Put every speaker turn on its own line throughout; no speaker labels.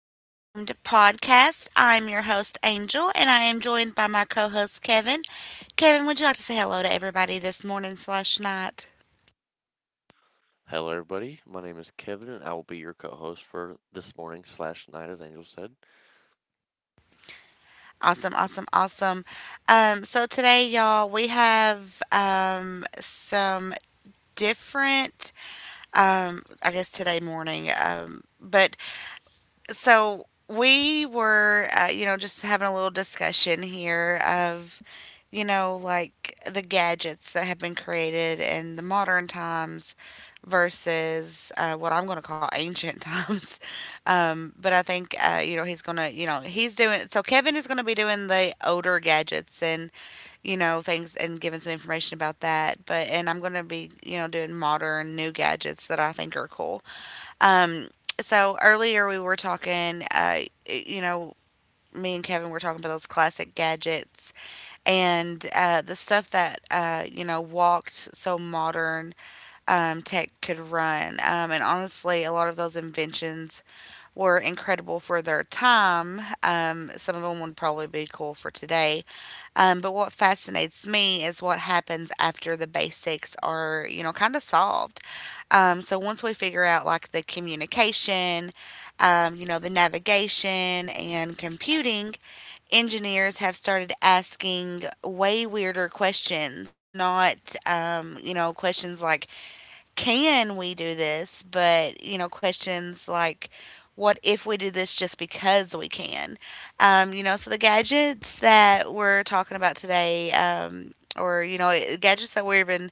Unnamed Podcast. I'm your host, Angel, and I am joined by my co host, Kevin. Kevin, would you like to say hello to everybody this morning slash night?
Hello, everybody. My name is Kevin, and I will be your co-host for this morning slash night, as Angel said.
Awesome, awesome, awesome. So today, y'all, we have some different, I guess today morning, but so we were just having a little discussion here of like the gadgets that have been created in the modern times versus what I'm going to call ancient times. But I think he's going to he's doing, so Kevin is going to be doing the older gadgets and things and giving some information about that. But and I'm going to be doing modern new gadgets that I think are cool. Um, so earlier we were talking, you know, me and Kevin were talking about those classic gadgets and the stuff that, walked so modern tech could run. And honestly, a lot of those inventions were incredible for their time. Some of them would probably be cool for today. But what fascinates me is what happens after the basics are, kind of solved. So once we figure out like the communication, the navigation and computing, engineers have started asking way weirder questions, not, questions like can we do this? But, questions like, what if we do this just because we can? So the gadgets that we're talking about today, or, gadgets that we're even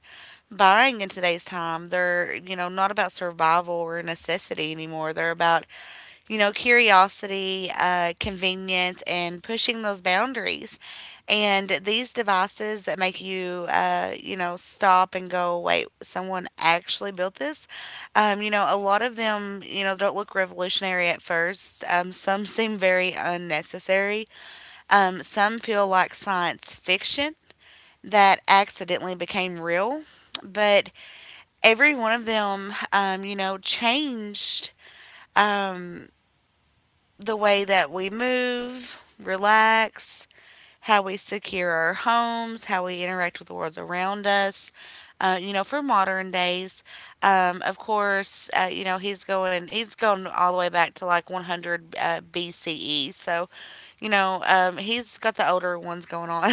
buying in today's time, they're, not about survival or necessity anymore. They're about curiosity, convenience, and pushing those boundaries. And these devices that make you, stop and go, wait, someone actually built this. A lot of them, don't look revolutionary at first. Some seem very unnecessary. Some feel like science fiction that accidentally became real. But every one of them, changed Um, the way that we move, relax, how we secure our homes, how we interact with the world around us. For modern days, of course, he's going all the way back to like 100 BCE. So he's got the older ones going on.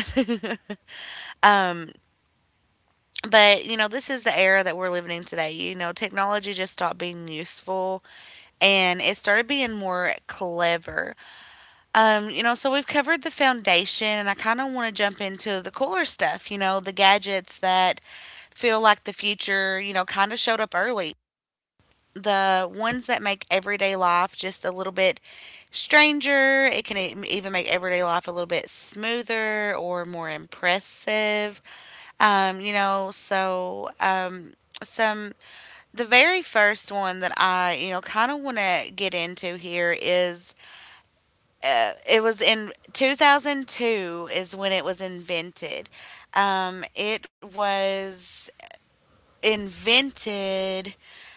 um, but you know this is the era that we're living in today. You know, technology just stopped being useful and it started being more clever. So we've covered the foundation, and I kind of want to jump into the cooler stuff, you know, the gadgets that feel like the future, you know, kind of showed up early. The ones that make everyday life just a little bit stranger. It can even make everyday life a little bit smoother or more impressive. You know, so some the very first one that I, kind of want to get into here is it was in 2002 is when it was invented. It was invented.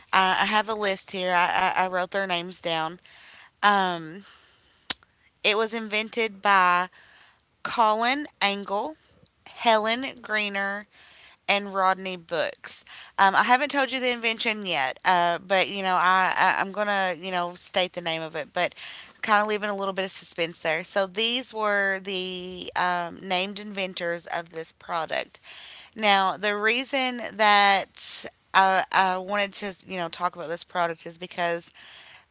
I have a list here. I wrote their names down. Um, it was invented by Colin Angle, Helen Greener, and Rodney Books. I haven't told you the invention yet, but you know I'm gonna state the name of it, but kind of leaving a little bit of suspense there. So these were the named inventors of this product. Now the reason that I wanted to talk about this product is because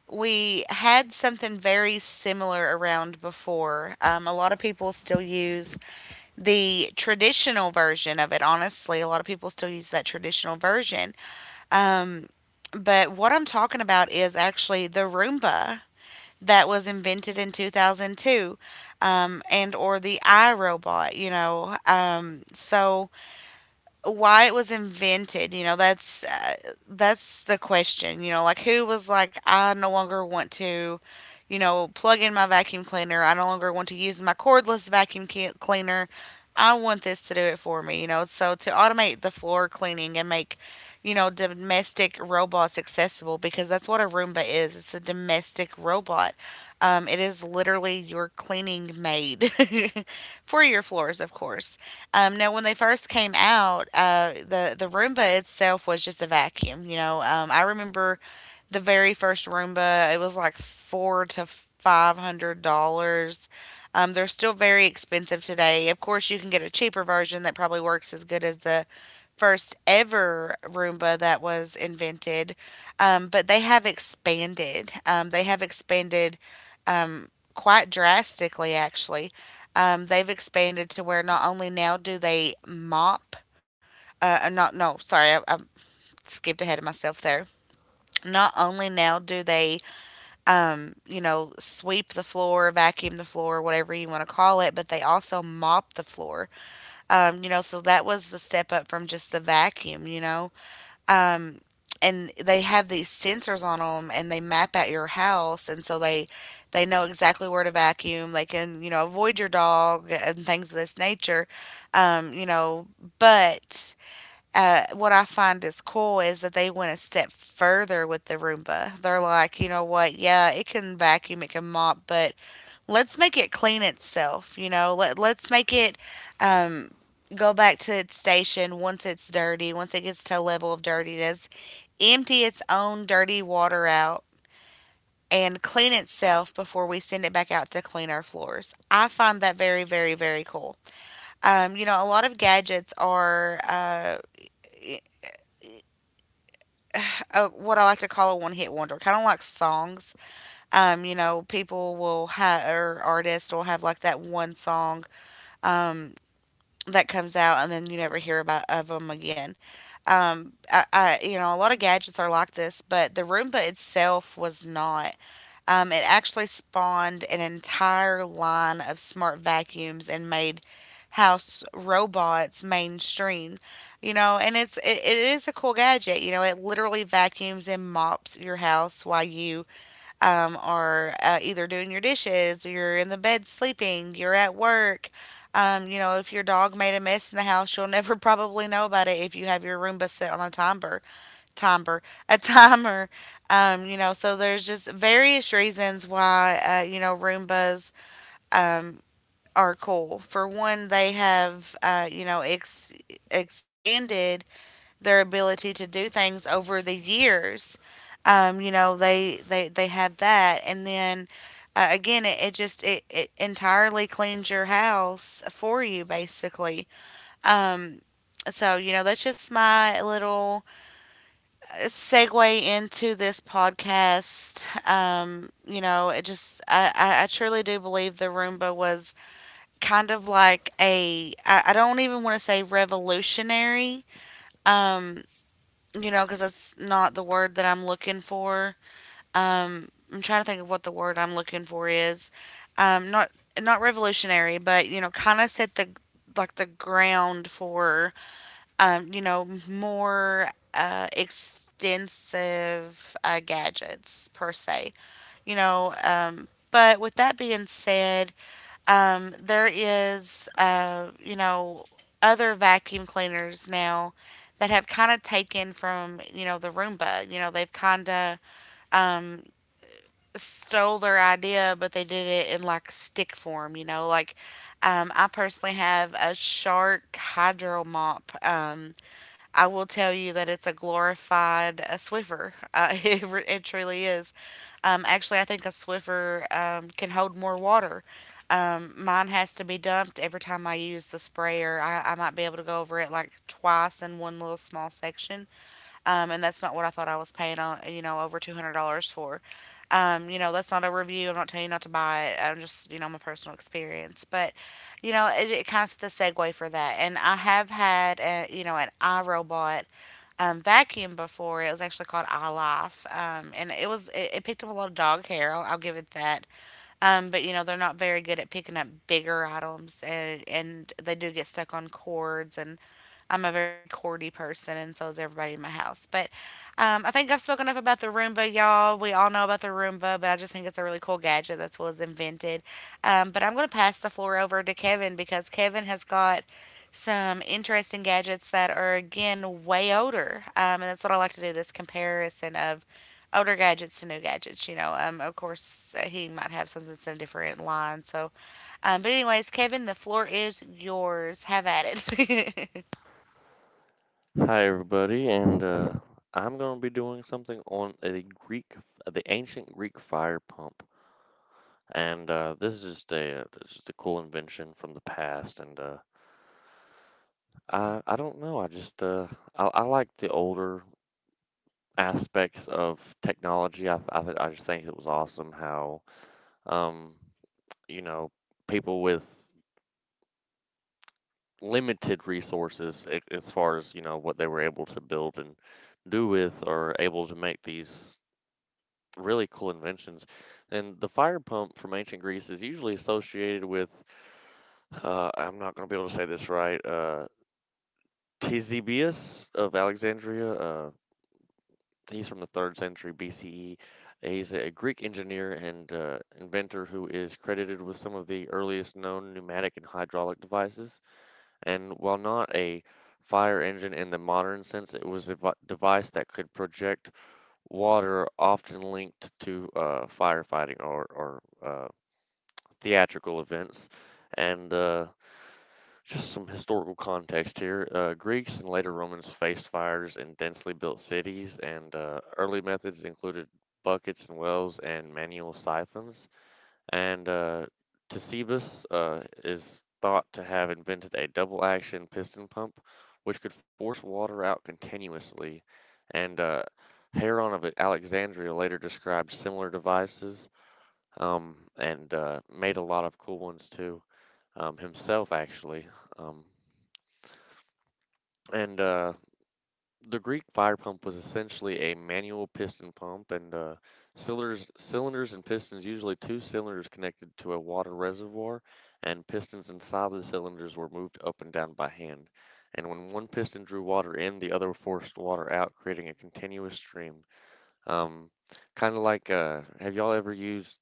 we had something very similar around before. A lot of people still use the traditional version of it. Honestly, a lot of people still use that traditional version. Um, but what I'm talking about is actually the Roomba that was invented in 2002, and or the iRobot, you know. So why it was invented, that's the question, you know, like who was like, I no longer want to plug in my vacuum cleaner. I no longer want to use my cordless vacuum cleaner. I want this to do it for me, you know, so to automate the floor cleaning and make, domestic robots accessible, because that's what a Roomba is. It's a domestic robot. It is literally your cleaning maid for your floors, of course. Now, when they first came out, the Roomba itself was just a vacuum. You know, I remember the very first Roomba. It was like four to five hundred dollars. They're still very expensive today. Of course, you can get a cheaper version that probably works as good as the first ever Roomba that was invented. But they have expanded. They have expanded um, quite drastically, actually. They've expanded to where not only now do they mop, not, no, sorry, I skipped ahead of myself there. Not only now do they, sweep the floor, vacuum the floor, whatever you want to call it, but they also mop the floor. So that was the step up from just the vacuum, you know. Um, and they have these sensors on them and they map out your house, and so they know exactly where to vacuum. They can, avoid your dog and things of this nature. You know but What I find is cool is that they went a step further with the Roomba. They're like, you know what, yeah, it can vacuum, it can mop, but let's make it clean itself. You know, let's make it um, go back to its station once it's dirty, once it gets to a level of dirtiness, empty its own dirty water out, and clean itself before we send it back out to clean our floors. I find that very, very, very cool. A lot of gadgets are what I like to call a one hit wonder, kind of like songs. People will have, or artists will have like that one song um, that comes out, and then you never hear about of them again. A lot of gadgets are like this, but the Roomba itself was not. It actually spawned an entire line of smart vacuums and made house robots mainstream. You know, and it is a cool gadget. You know, it literally vacuums and mops your house while you, or either doing your dishes, you're in the bed sleeping, you're at work. If your dog made a mess in the house, you'll never probably know about it if you have your Roomba set on a timer, a timer. So there's just various reasons why Roombas um, are cool. For one, they have, expanded their ability to do things over the years. They have that. And then, again, it entirely cleans your house for you, basically. Um, that's just my little segue into this podcast. It just, I truly do believe the Roomba was kind of like a, I don't even want to say revolutionary, um, because that's not the word that I'm looking for. I'm trying to think of what the word I'm looking for is. Not not revolutionary, but you know, kind of set the like the ground for more extensive gadgets per se. You know, but with that being said, there is, other vacuum cleaners now that have kind of taken from, the Roomba. You know, they've kind of um, stole their idea, but they did it in like stick form. You know, like I personally have a Shark Hydro Mop. I will tell you that it's a glorified Swiffer. It truly is. Actually, I think a Swiffer can hold more water. Mine has to be dumped every time I use the sprayer. I might be able to go over it like twice in one little small section, and that's not what I thought I was paying on, over $200 for. That's not a review. I'm not telling you not to buy it. I'm just, my personal experience. But, it, it kind of set the segue for that. And I have had, an iRobot vacuum before. It was actually called iLife, and it picked up a lot of dog hair. I'll give it that. But they're not very good at picking up bigger items, and they do get stuck on cords, and I'm a very cordy person, and so is everybody in my house. But I think I've spoken enough about the Roomba, y'all. We all know about the Roomba, but I just think it's a really cool gadget that was invented. But I'm going to pass the floor over to Kevin because Kevin has got some interesting gadgets that are, again, way older, and that's what I like to do. This comparison of older gadgets to new gadgets. Of course, he might have something that's in a different line. So, but anyways, Kevin, the floor is yours. Have at it.
Hi, everybody, and I'm going to be doing something on a the ancient Greek fire pump, and this is just a this is a cool invention from the past, and I don't know. I just I like the older aspects of technology. I just think it was awesome how um you know people with limited resources, as far as you know what they were able to build and do with, are able to make these really cool inventions. And the fire pump from ancient Greece is usually associated with, I'm not going to be able to say this right, Ctesibius of Alexandria. He's from the third century BCE. He's a Greek engineer and inventor who is credited with some of the earliest known pneumatic and hydraulic devices. And while not a fire engine in the modern sense, it was a device that could project water, often linked to firefighting or theatrical events. And just some historical context here. Greeks and later Romans faced fires in densely built cities, and early methods included buckets and wells and manual siphons, and Ctesibus is thought to have invented a double action piston pump which could force water out continuously. And Heron of Alexandria later described similar devices, and made a lot of cool ones too, himself actually. Um, and The Greek fire pump was essentially a manual piston pump, and uh, cylinders and pistons, usually two cylinders connected to a water reservoir, and pistons inside the cylinders were moved up and down by hand. And when one piston drew water in, the other forced water out, creating a continuous stream. Um, Kind of like, have y'all ever used,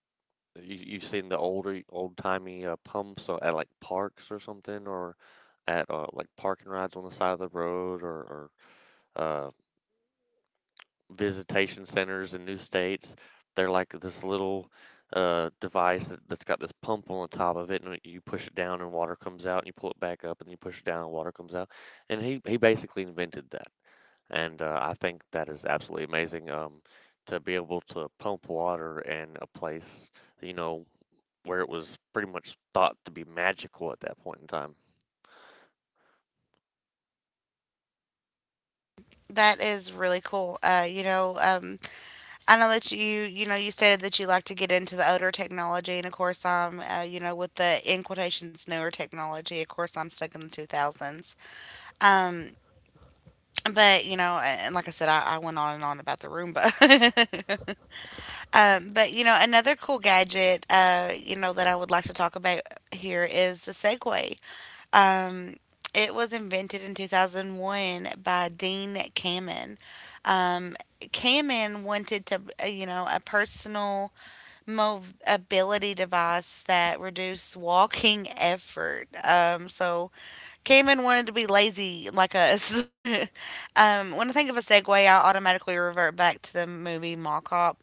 you've seen the older, old-timey pumps at like parks or something, or at like parking rides on the side of the road, or visitation centers in new states. They're like this little device that's got this pump on the top of it, and you push it down and water comes out, and you pull it back up, and you push it down and water comes out. And he basically invented that, and I think that is absolutely amazing. To be able to pump water in a place, you know, where it was pretty much thought to be magical at that point in time.
That is really cool. I know that you stated that you like to get into the older technology, and of course, I'm with the in quotations newer technology. Of course, I'm stuck in the 2000s. Um, but and like I said, I went on and on about the Roomba. Another cool gadget, that I would like to talk about here is the Segway. Um, it was invented in 2001 by Dean Kamen. Kamen wanted to, a personal mobility device that reduced walking effort. So Kamen wanted to be lazy like us. When I think of a segue, I automatically revert back to the movie Mall Cop.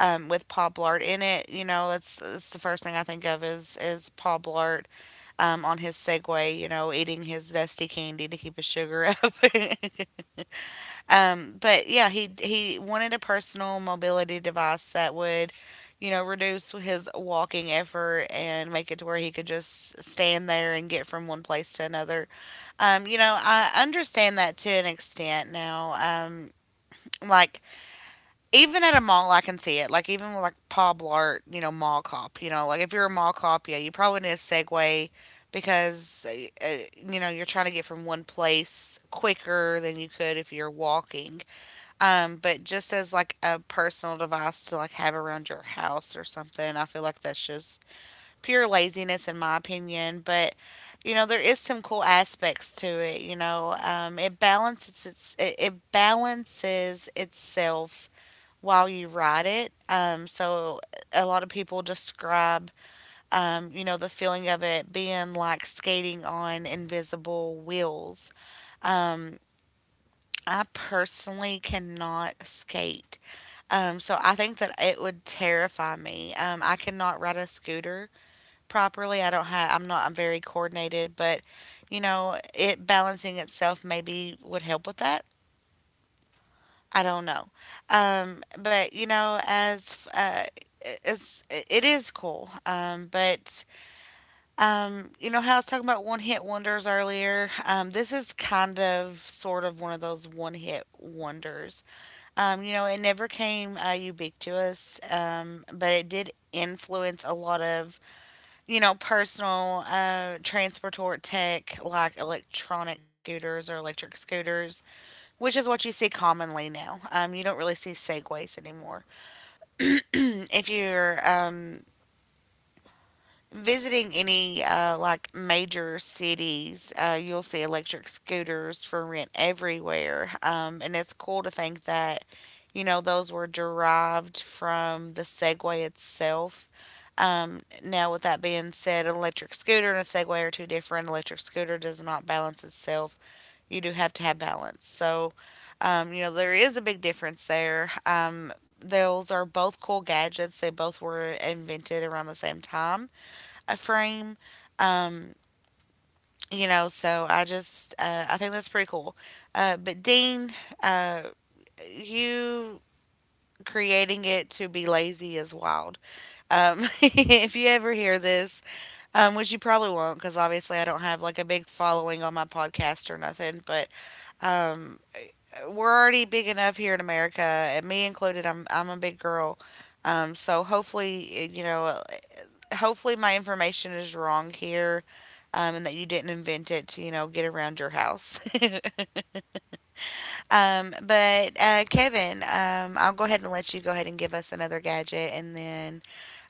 With Paul Blart in it, you know, that's the first thing I think of is Paul Blart on his Segway, you know, eating his dusty candy to keep his sugar up. But yeah, he wanted a personal mobility device that would, you know, reduce his walking effort and make it to where he could just stand there and get from one place to another. You know, I understand that to an extent now. Like even at a mall, I can see it. Like even with like Paul Blart, you know, mall cop. You know, like if you're a mall cop, yeah, you probably need a Segway because you know you're trying to get from one place quicker than you could if you're walking. But just as like a personal device to like have around your house or something, I feel like that's just pure laziness in my opinion. But you know there is some cool aspects to it, you know. It balances its it, it balances itself while you ride it. So a lot of people describe, the feeling of it being like skating on invisible wheels. Um, I personally cannot skate. So I think that it would terrify me. I cannot ride a scooter properly. I don't have, I'm not, I'm very coordinated, but you know, it balancing itself maybe would help with that. I don't know. But you know, as it is cool. But you know how I was talking about one hit wonders earlier. This is kind of sort of one of those one hit wonders. You know, it never came ubiquitous, but it did influence a lot of you know personal transport tech like electronic scooters or electric scooters, which is what you see commonly now. You don't really see segways anymore. And if you're visiting any like major cities, you'll see electric scooters for rent everywhere. And it's cool to think that, you know, those were derived from the Segway itself. Now, with that being said, an electric scooter and a Segway are two different. Electric scooter does not balance itself, you do have to have balance. So you know, there is a big difference there. Those are both cool gadgets. They both were invented around the same time, a frame. Um, you know, so I just, I think that's pretty cool. But Dean, uh, you creating it to be lazy is wild. If you ever hear this, which you probably won't, because obviously I don't have like a big following on my podcast or nothing, but um, we're already big enough here in America, and me included. I'm a big girl, so hopefully eh, you know, eh, hopefully my information is wrong here, and that you didn't invent it to you know get around your house. But Kevin, I'll go ahead and let you go ahead and give us another gadget, and then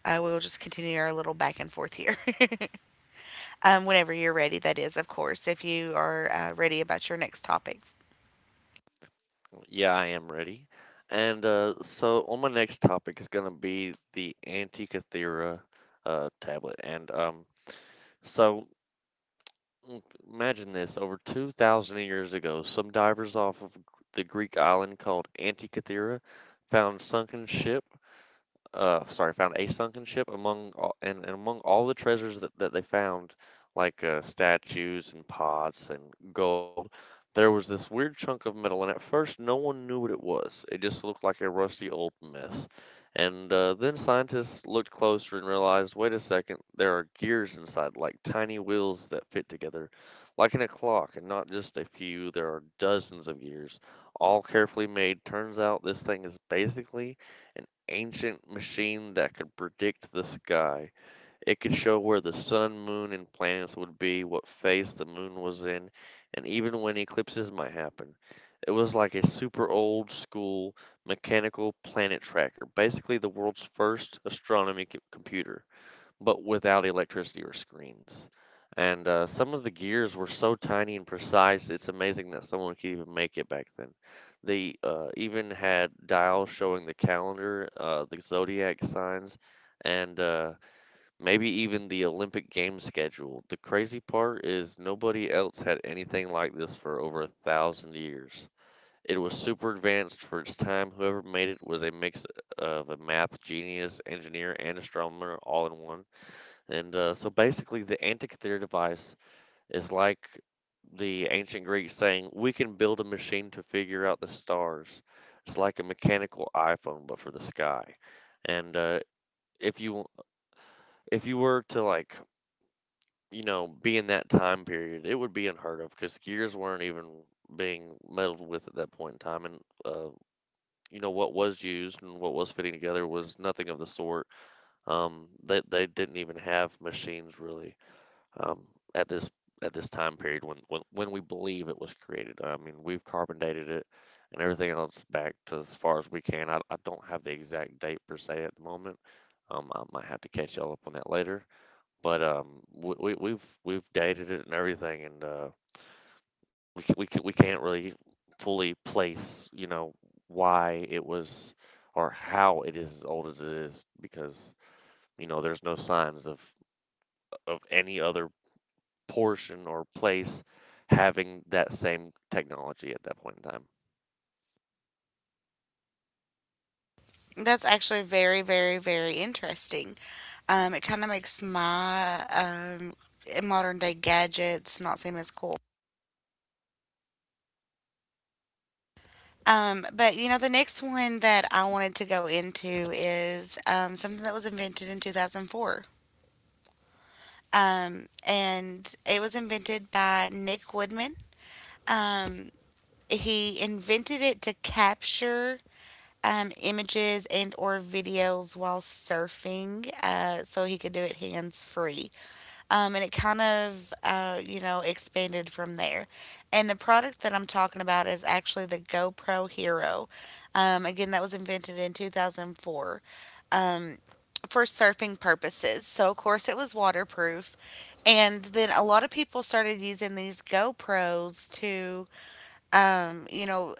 we'll just continue our little back and forth here. Whenever you're ready, that is, of course, if you are ready about your next topic.
Yeah, I am ready. And so on my next topic is going to be the Antikythera tablet. And so mm, imagine this, over 2,000 years ago, some divers off of the Greek island called Antikythera found sunken ship sorry found a sunken ship. And among all the treasures that they found, like statues and pots and gold, there was this weird chunk of metal, and at first no one knew what it was. It just looked like a rusty old mess. And then scientists looked closer and realized, wait a second, there are gears inside, like tiny wheels that fit together like in a clock, and not just a few, there are dozens of gears, all carefully made. Turns out this thing is basically an ancient machine that could predict the sky. It could show where the sun, moon, and planets would be, what phase the moon was in, and even when eclipses might happen. It was like a super old school mechanical planet tracker, basically the world's first astronomy computer, but without electricity or screens. And some of the gears were so tiny and precise, it's amazing that someone could even make it back then. They even had dials showing the calendar, the zodiac signs, and maybe even the Olympic game schedule. The crazy part is nobody else had anything like this for over a thousand years. It was super advanced for its time. Whoever made it was a mix of a math genius, engineer, and astronomer all in one. And so basically, the antic theater device is like the ancient Greeks saying, we can build a machine to figure out the stars. It's like a mechanical iPhone, but for the sky. And if you, if you were to like, you know, be in that time period, it would be unheard of, because gears weren't even being meddled with at that point in time, and uh, you know what was used and what was fitting together was nothing of the sort. They didn't even have machines really, um, at this time period when, when we believe it was created. I mean, we've carbon dated it and everything else back to as far as we can. I don't have the exact date per se at the moment. I might have to catch y'all up on that later. But we, we've dated it and everything, and we can't really fully place, you know, why it was, or how it is as old as it is, because you know there's no signs of any other portion or place having that same technology at that point in time.
That's actually very, very, very interesting. It kind of makes my modern day gadgets not seem as cool. But you know, the next one that I wanted to go into is something that was invented in 2004. And it was invented by Nick Woodman. Um, he invented it to capture images and or videos while surfing, so he could do it hands free. And it kind of, expanded from there. And the product that I'm talking about is actually the GoPro Hero. Again, that was invented in 2004, um, for surfing purposes. So, of course, it was waterproof. And then a lot of people started using these GoPros to um, you know,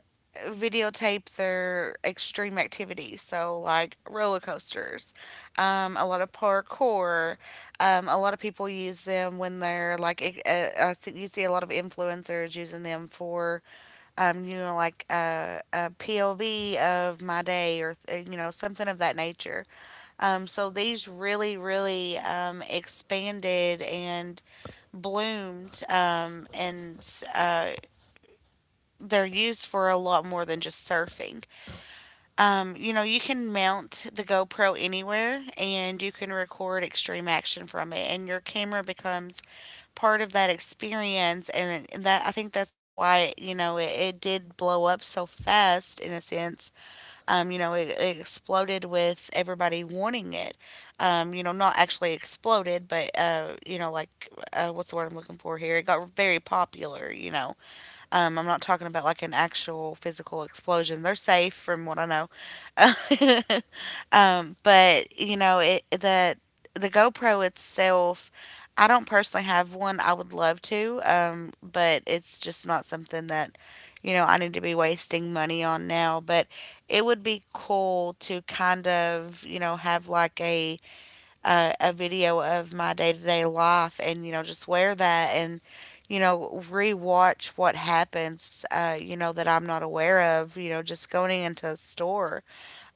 videotape their extreme activities. So, like roller coasters, a lot of parkour. A lot of people use them when they're like, you see a lot of influencers using them for, a POV of my day or, something of that nature. So, these really, really expanded and bloomed, and, uh, they're used for a lot more than just surfing. You know, you can mount the GoPro anywhere and you can record extreme action from it, and your camera becomes part of that experience. And that I think that's why you know it did blow up so fast in a sense. You know, it exploded with everybody wanting it. You know, not actually exploded, but what's the word I'm looking for here? It got very popular. You know, I'm not talking about like an actual physical explosion. They're safe from what I know. But you know, it the GoPro itself, I don't personally have one. I would love to, but it's just not something that you know I need to be wasting money on now. But it would be cool to kind of you know have like a video of my day to day life and, you know, just wear that and, you know, rewatch what happens, you know, that I'm not aware of, you know, just going into a store.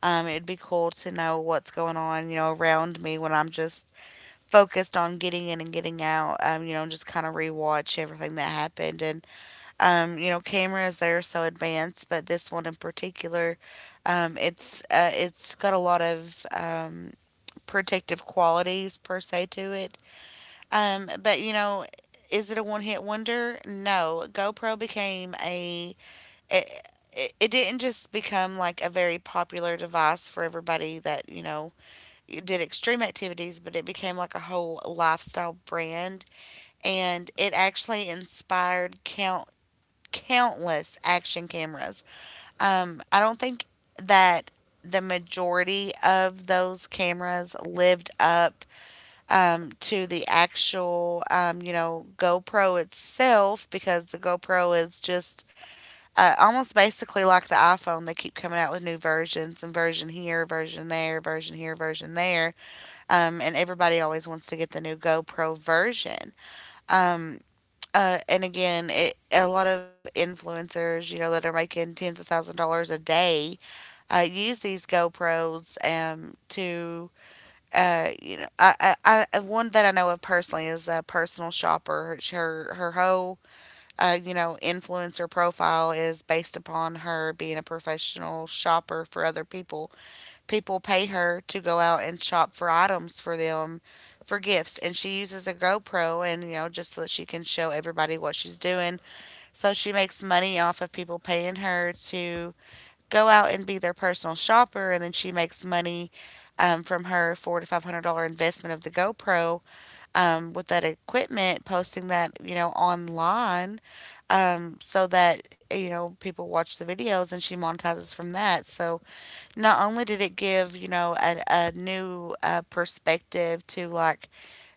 It'd be cool to know what's going on, you know, around me when I'm just focused on getting in and getting out, you know, just kind of rewatch everything that happened. And you know, cameras, they're so advanced, but this one in particular, it's got a lot of, protective qualities per se to it. But you know, is it a one hit wonder? No. GoPro became a. It, it didn't just become like a very popular device for everybody that, you know, did extreme activities, but it became like a whole lifestyle brand. And it actually inspired countless action cameras. I don't think that the majority of those cameras lived up, to the actual, GoPro itself, because the GoPro is just almost basically like the iPhone. They keep coming out with new versions and version here, version there, version here, version there. And everybody always wants to get the new GoPro version. Um, and again, a lot of influencers, you know, that are making tens of thousand dollars a day, use these GoPros to you know, I One that I know of personally is a personal shopper. Her whole you know influencer profile is based upon her being a professional shopper for other people. People pay her to go out and shop for items for them, for gifts, and she uses a GoPro, and you know just so that she can show everybody what she's doing. So she makes money off of people paying her to go out and be their personal shopper, and then she makes money from her four to five hundred dollar investment of the GoPro, with that equipment, posting that online, so that people watch the videos, and she monetizes from that. So not only did it give a new perspective to like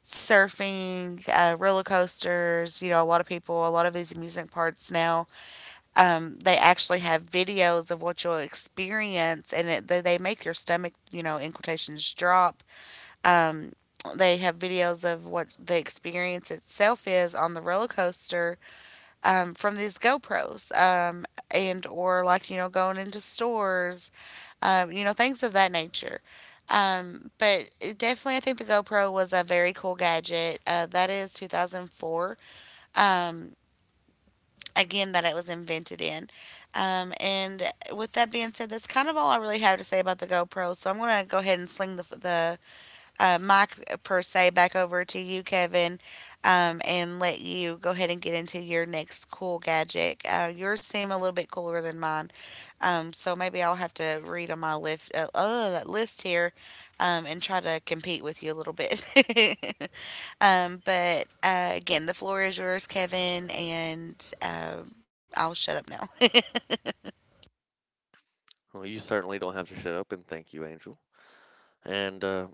surfing, roller coasters, you know a lot of people, a lot of these amusement parks now, they actually have videos of what you'll experience, and they make your stomach, you know, in quotations, drop. Um, they have videos of what the experience itself is on the roller coaster, from these GoPros, and or like you know going into stores, you know things of that nature. But it definitely, I think the GoPro was a very cool gadget. That is 2004. Um, Again that it was invented in. And with that being said, that's kind of all I really have to say about the GoPro. So I'm gonna go ahead and sling the mic per se back over to you, Kevin, and let you go ahead and get into your next cool gadget. Yours seem a little bit cooler than mine, so maybe I'll have to read on my list here and try to compete with you a little bit. But again, the floor is yours, Kevin, and I'll shut up now.
Well, you certainly don't have to shut up, and thank you, Angel. And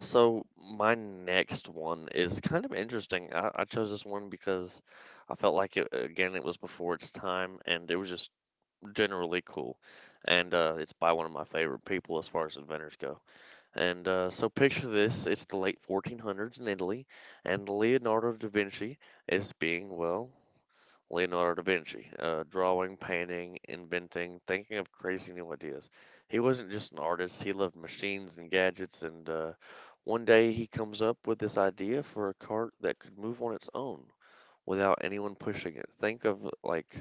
so my next one is kind of interesting. I chose this one because I felt like, it again, it was before its time, and it was just generally cool. And it's by one of my favorite people as far as inventors go. And so picture this: it's the late 1400s in Italy, and Leonardo da Vinci is being, well, Leonardo da Vinci, drawing, painting, inventing, thinking of crazy new ideas. He wasn't just an artist, he loved machines and gadgets. And one day he comes up with this idea for a cart that could move on its own without anyone pushing it. Think of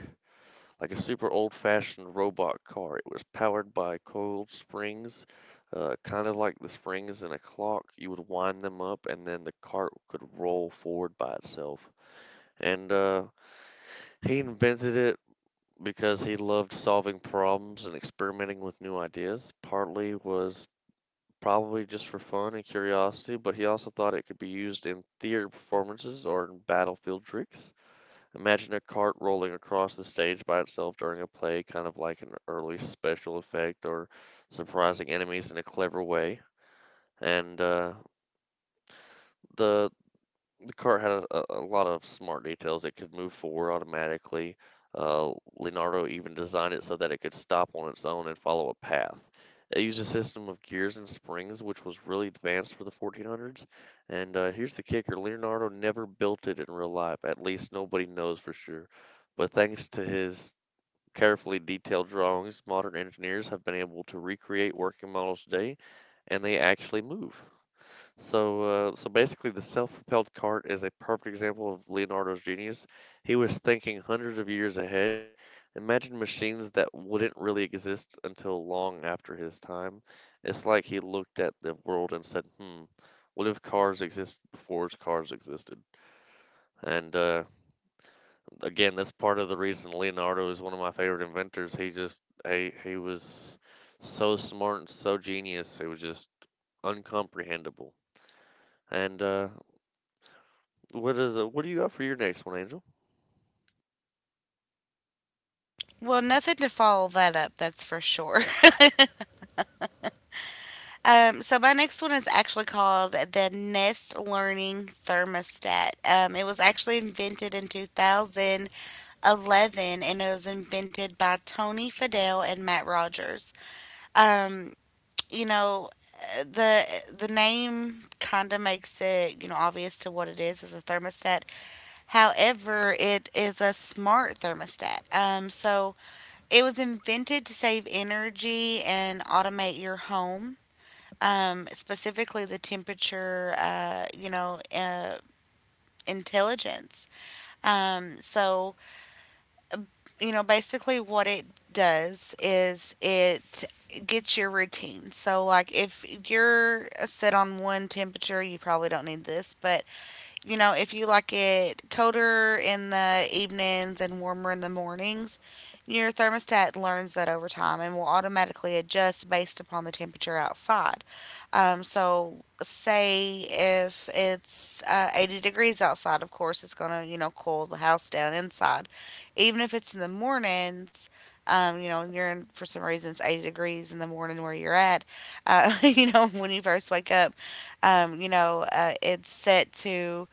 like a super old-fashioned robot car. It was powered by coiled springs, kind of like the springs in a clock. You would wind them up, and then the cart could roll forward by itself. And he invented it because he loved solving problems and experimenting with new ideas. Partly was probably just for fun and curiosity, but he also thought it could be used in theater performances or in battlefield tricks. Imagine a cart rolling across the stage by itself during a play, kind of like an early special effect, or surprising enemies in a clever way. And the The car had a lot of smart details. It could move forward automatically. Uh, Leonardo even designed it so that it could stop on its own and follow a path. It used a system of gears and springs, which was really advanced for the 1400s. And here's the kicker: Leonardo never built it in real life. At least nobody knows for sure. But thanks to his carefully detailed drawings, modern engineers have been able to recreate working models today, and they actually move. So, so basically, the self-propelled cart is a perfect example of Leonardo's genius. He was thinking hundreds of years ahead. Imagine machines that wouldn't really exist until long after his time. It's like he looked at the world and said, "Hmm, what if cars exist before cars existed?" And again, that's part of the reason Leonardo is one of my favorite inventors. He just, he was so smart and so genius. It was just uncomprehendable. And what is it? What do you got for your next one, Angel?
Well, nothing to follow that up, that's for sure. So my next one is actually called the Nest Learning Thermostat. It was actually invented in 2011, and it was invented by Tony Fadell and Matt Rogers. Um, you know, the the name kind of makes it, you know, obvious to what it is as a thermostat. However, it is a smart thermostat. So it was invented to save energy and automate your home, specifically the temperature, intelligence. So, you know, basically what it does is it gets your routine. So, like if you're set on one temperature, you probably don't need this, but you know, if you like it colder in the evenings and warmer in the mornings, your thermostat learns that over time and will automatically adjust based upon the temperature outside. So, say if it's 80 degrees outside, of course, it's going to, you know, cool the house down inside. Even if it's in the mornings, you know, and you're in, for some reason, it's 80 degrees in the morning where you're at, you know, when you first wake up, it's set to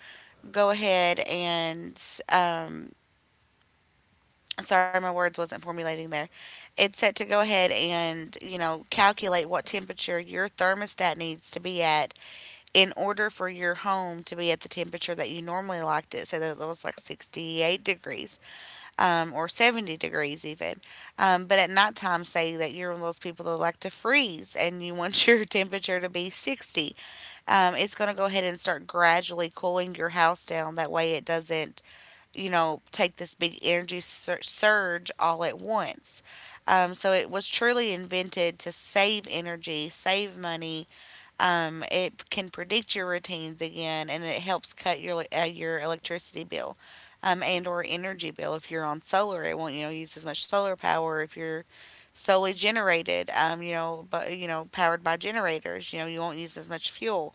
go ahead and um, sorry, my words wasn't formulating there. It's set to go ahead and you know calculate what temperature your thermostat needs to be at in order for your home to be at the temperature that you normally liked it. So that it was like 68 degrees or 70 degrees even. But at nighttime, say that you're one of those people that like to freeze and you want your temperature to be 60. It's going to go ahead and start gradually cooling your house down. That way, it doesn't you know, take this big surge all at once. So it was truly invented to save energy, save money. It can predict your routines again, and it helps cut your electricity bill, and or energy bill if you're on solar. It won't you know use as much solar power if you're solely generated. You know, but you know, powered by generators. You know, you won't use as much fuel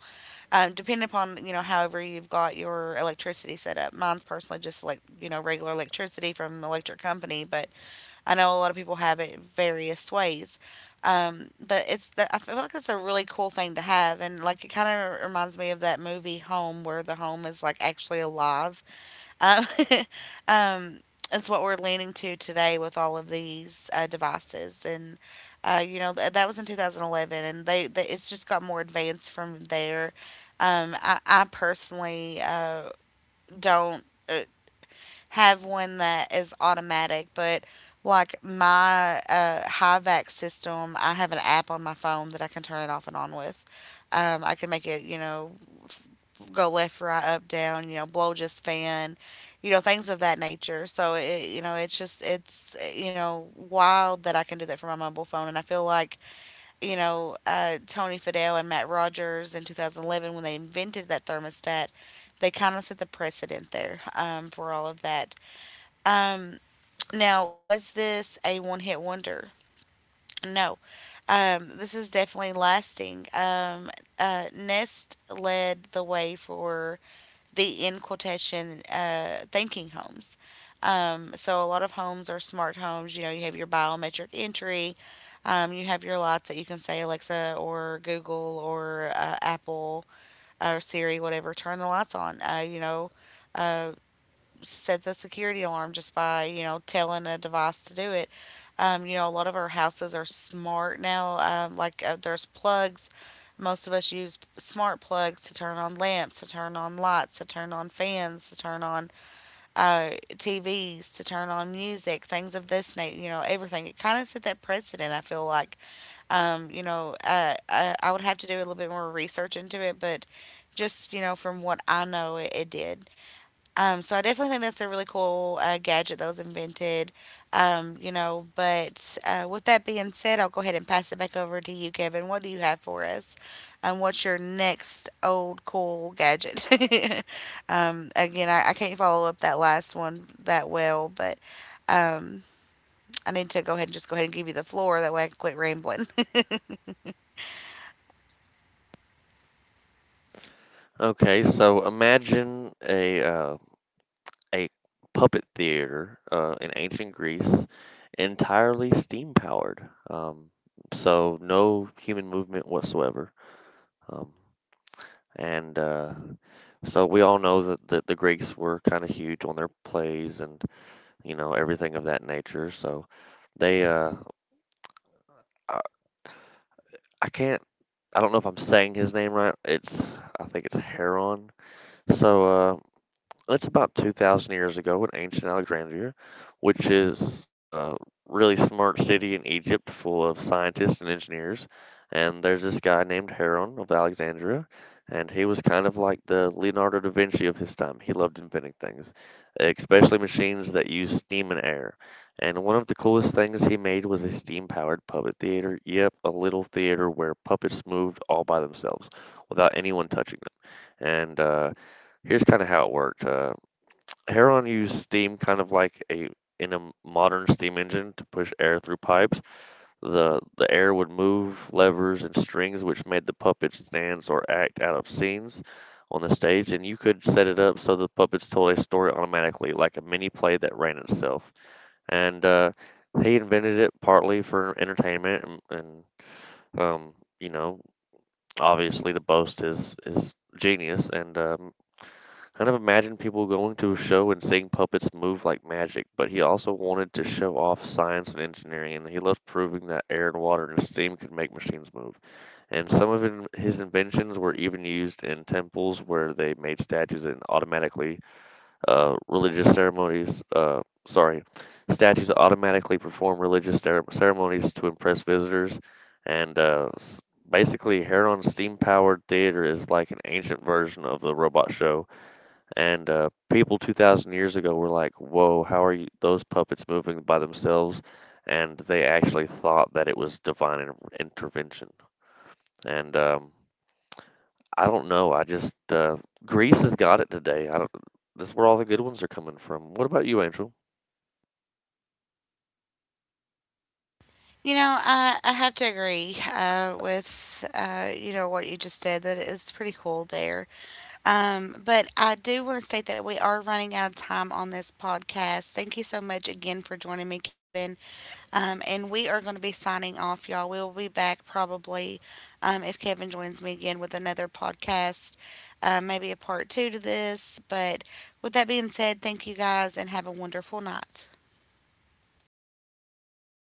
um, depending upon you know however you've got your electricity set up. Mine's personally just like you know regular electricity from an electric company, but I know a lot of people have it various ways. But it's the, I feel like it's a really cool thing to have, and like it kind of reminds me of that movie Home, where the home is like actually alive uh, um, it's what we're leaning to today with all of these devices, and you know that was in 2011, and they it's just got more advanced from there. I personally don't uh, have one that is automatic, but like my HiVac system, I have an app on my phone that I can turn it off and on with. I can make it, you know, go left, right, up, down, you know, blow just fan, you know, things of that nature. So it, you know, it's just it's you know wild that I can do that for my mobile phone, and I feel like you know Tony Fadell and Matt Rogers in 2011 when they invented that thermostat, they kind of set the precedent there for all of that. Um, Now, was this a one-hit wonder? No. This is definitely lasting. Nest led the way for the in quotation thinking homes. So a lot of homes are smart homes. You know, you have your biometric entry. You have your lights that you can say Alexa or Google or Apple or Siri, whatever. Turn the lights on. Uh, set the security alarm just by you know telling a device to do it. You know, a lot of our houses are smart now. There's plugs. Most of us use smart plugs to turn on lamps, to turn on lights, to turn on fans, to turn on TVs, to turn on music, things of this nature. You know, everything. It kind of set that precedent. I feel like, I would have to do a little bit more research into it, but just you know from what I know, it did. So I definitely think that's a really cool gadget that was invented. You know, but with that being said, I'll go ahead and pass it back over to you, Kevin. What do you have for us? And what's your next old cool gadget? Again, I can't follow up that last one that well, but um, I need to go ahead and just go ahead and give you the floor. That way I can quit rambling.
Okay, so imagine a a puppet theater in ancient Greece, entirely steam powered. So no human movement whatsoever. Um, and so we all know that the Greeks were kind of huge on their plays and you know everything of that nature. So they I, I can't, I don't know if I'm saying his name right. It's I think it's Heron. So uh, it's about 2,000 years ago in ancient Alexandria, which is a really smart city in Egypt full of scientists and engineers. And there's this guy named Heron of Alexandria, and he was kind of like the Leonardo da Vinci of his time. He loved inventing things, especially machines that use steam and air. And one of the coolest things he made was a steam powered puppet theater. Yep, a little theater where puppets moved all by themselves without anyone touching them. And here's kind of how it worked. Heron used steam kind of like a, in a modern steam engine, to push air through pipes. The air would move levers and strings, which made the puppets dance or act out of scenes on the stage, and you could set it up so the puppets told a story automatically, like a mini play that ran itself. And he invented it partly for entertainment, and um, you know, obviously to boast his genius, and kind of imagine people going to a show and seeing puppets move like magic, but he also wanted to show off science and engineering, and he loved proving that air and water and steam could make machines move. And some of his inventions were even used in temples where they made statues and automatically religious ceremonies. Sorry, statues automatically perform religious ceremonies to impress visitors, and basically, Heron's steam-powered theater is like an ancient version of the robot show. And people 2,000 years ago were like, whoa, how are you, those puppets moving by themselves? And they actually thought that it was divine intervention. And I don't know. I just, Greece has got it today. I don't, that's where all the good ones are coming from. What about you, Angel?
You know, I have to agree with you know what you just said that it's pretty cool there. But I do want to state that we are running out of time on this podcast. Thank you so much again for joining me, Kevin. And we are going to be signing off, y'all. We will be back probably, if Kevin joins me again with another podcast, maybe a part two to this. But with that being said, thank you guys and have a wonderful night.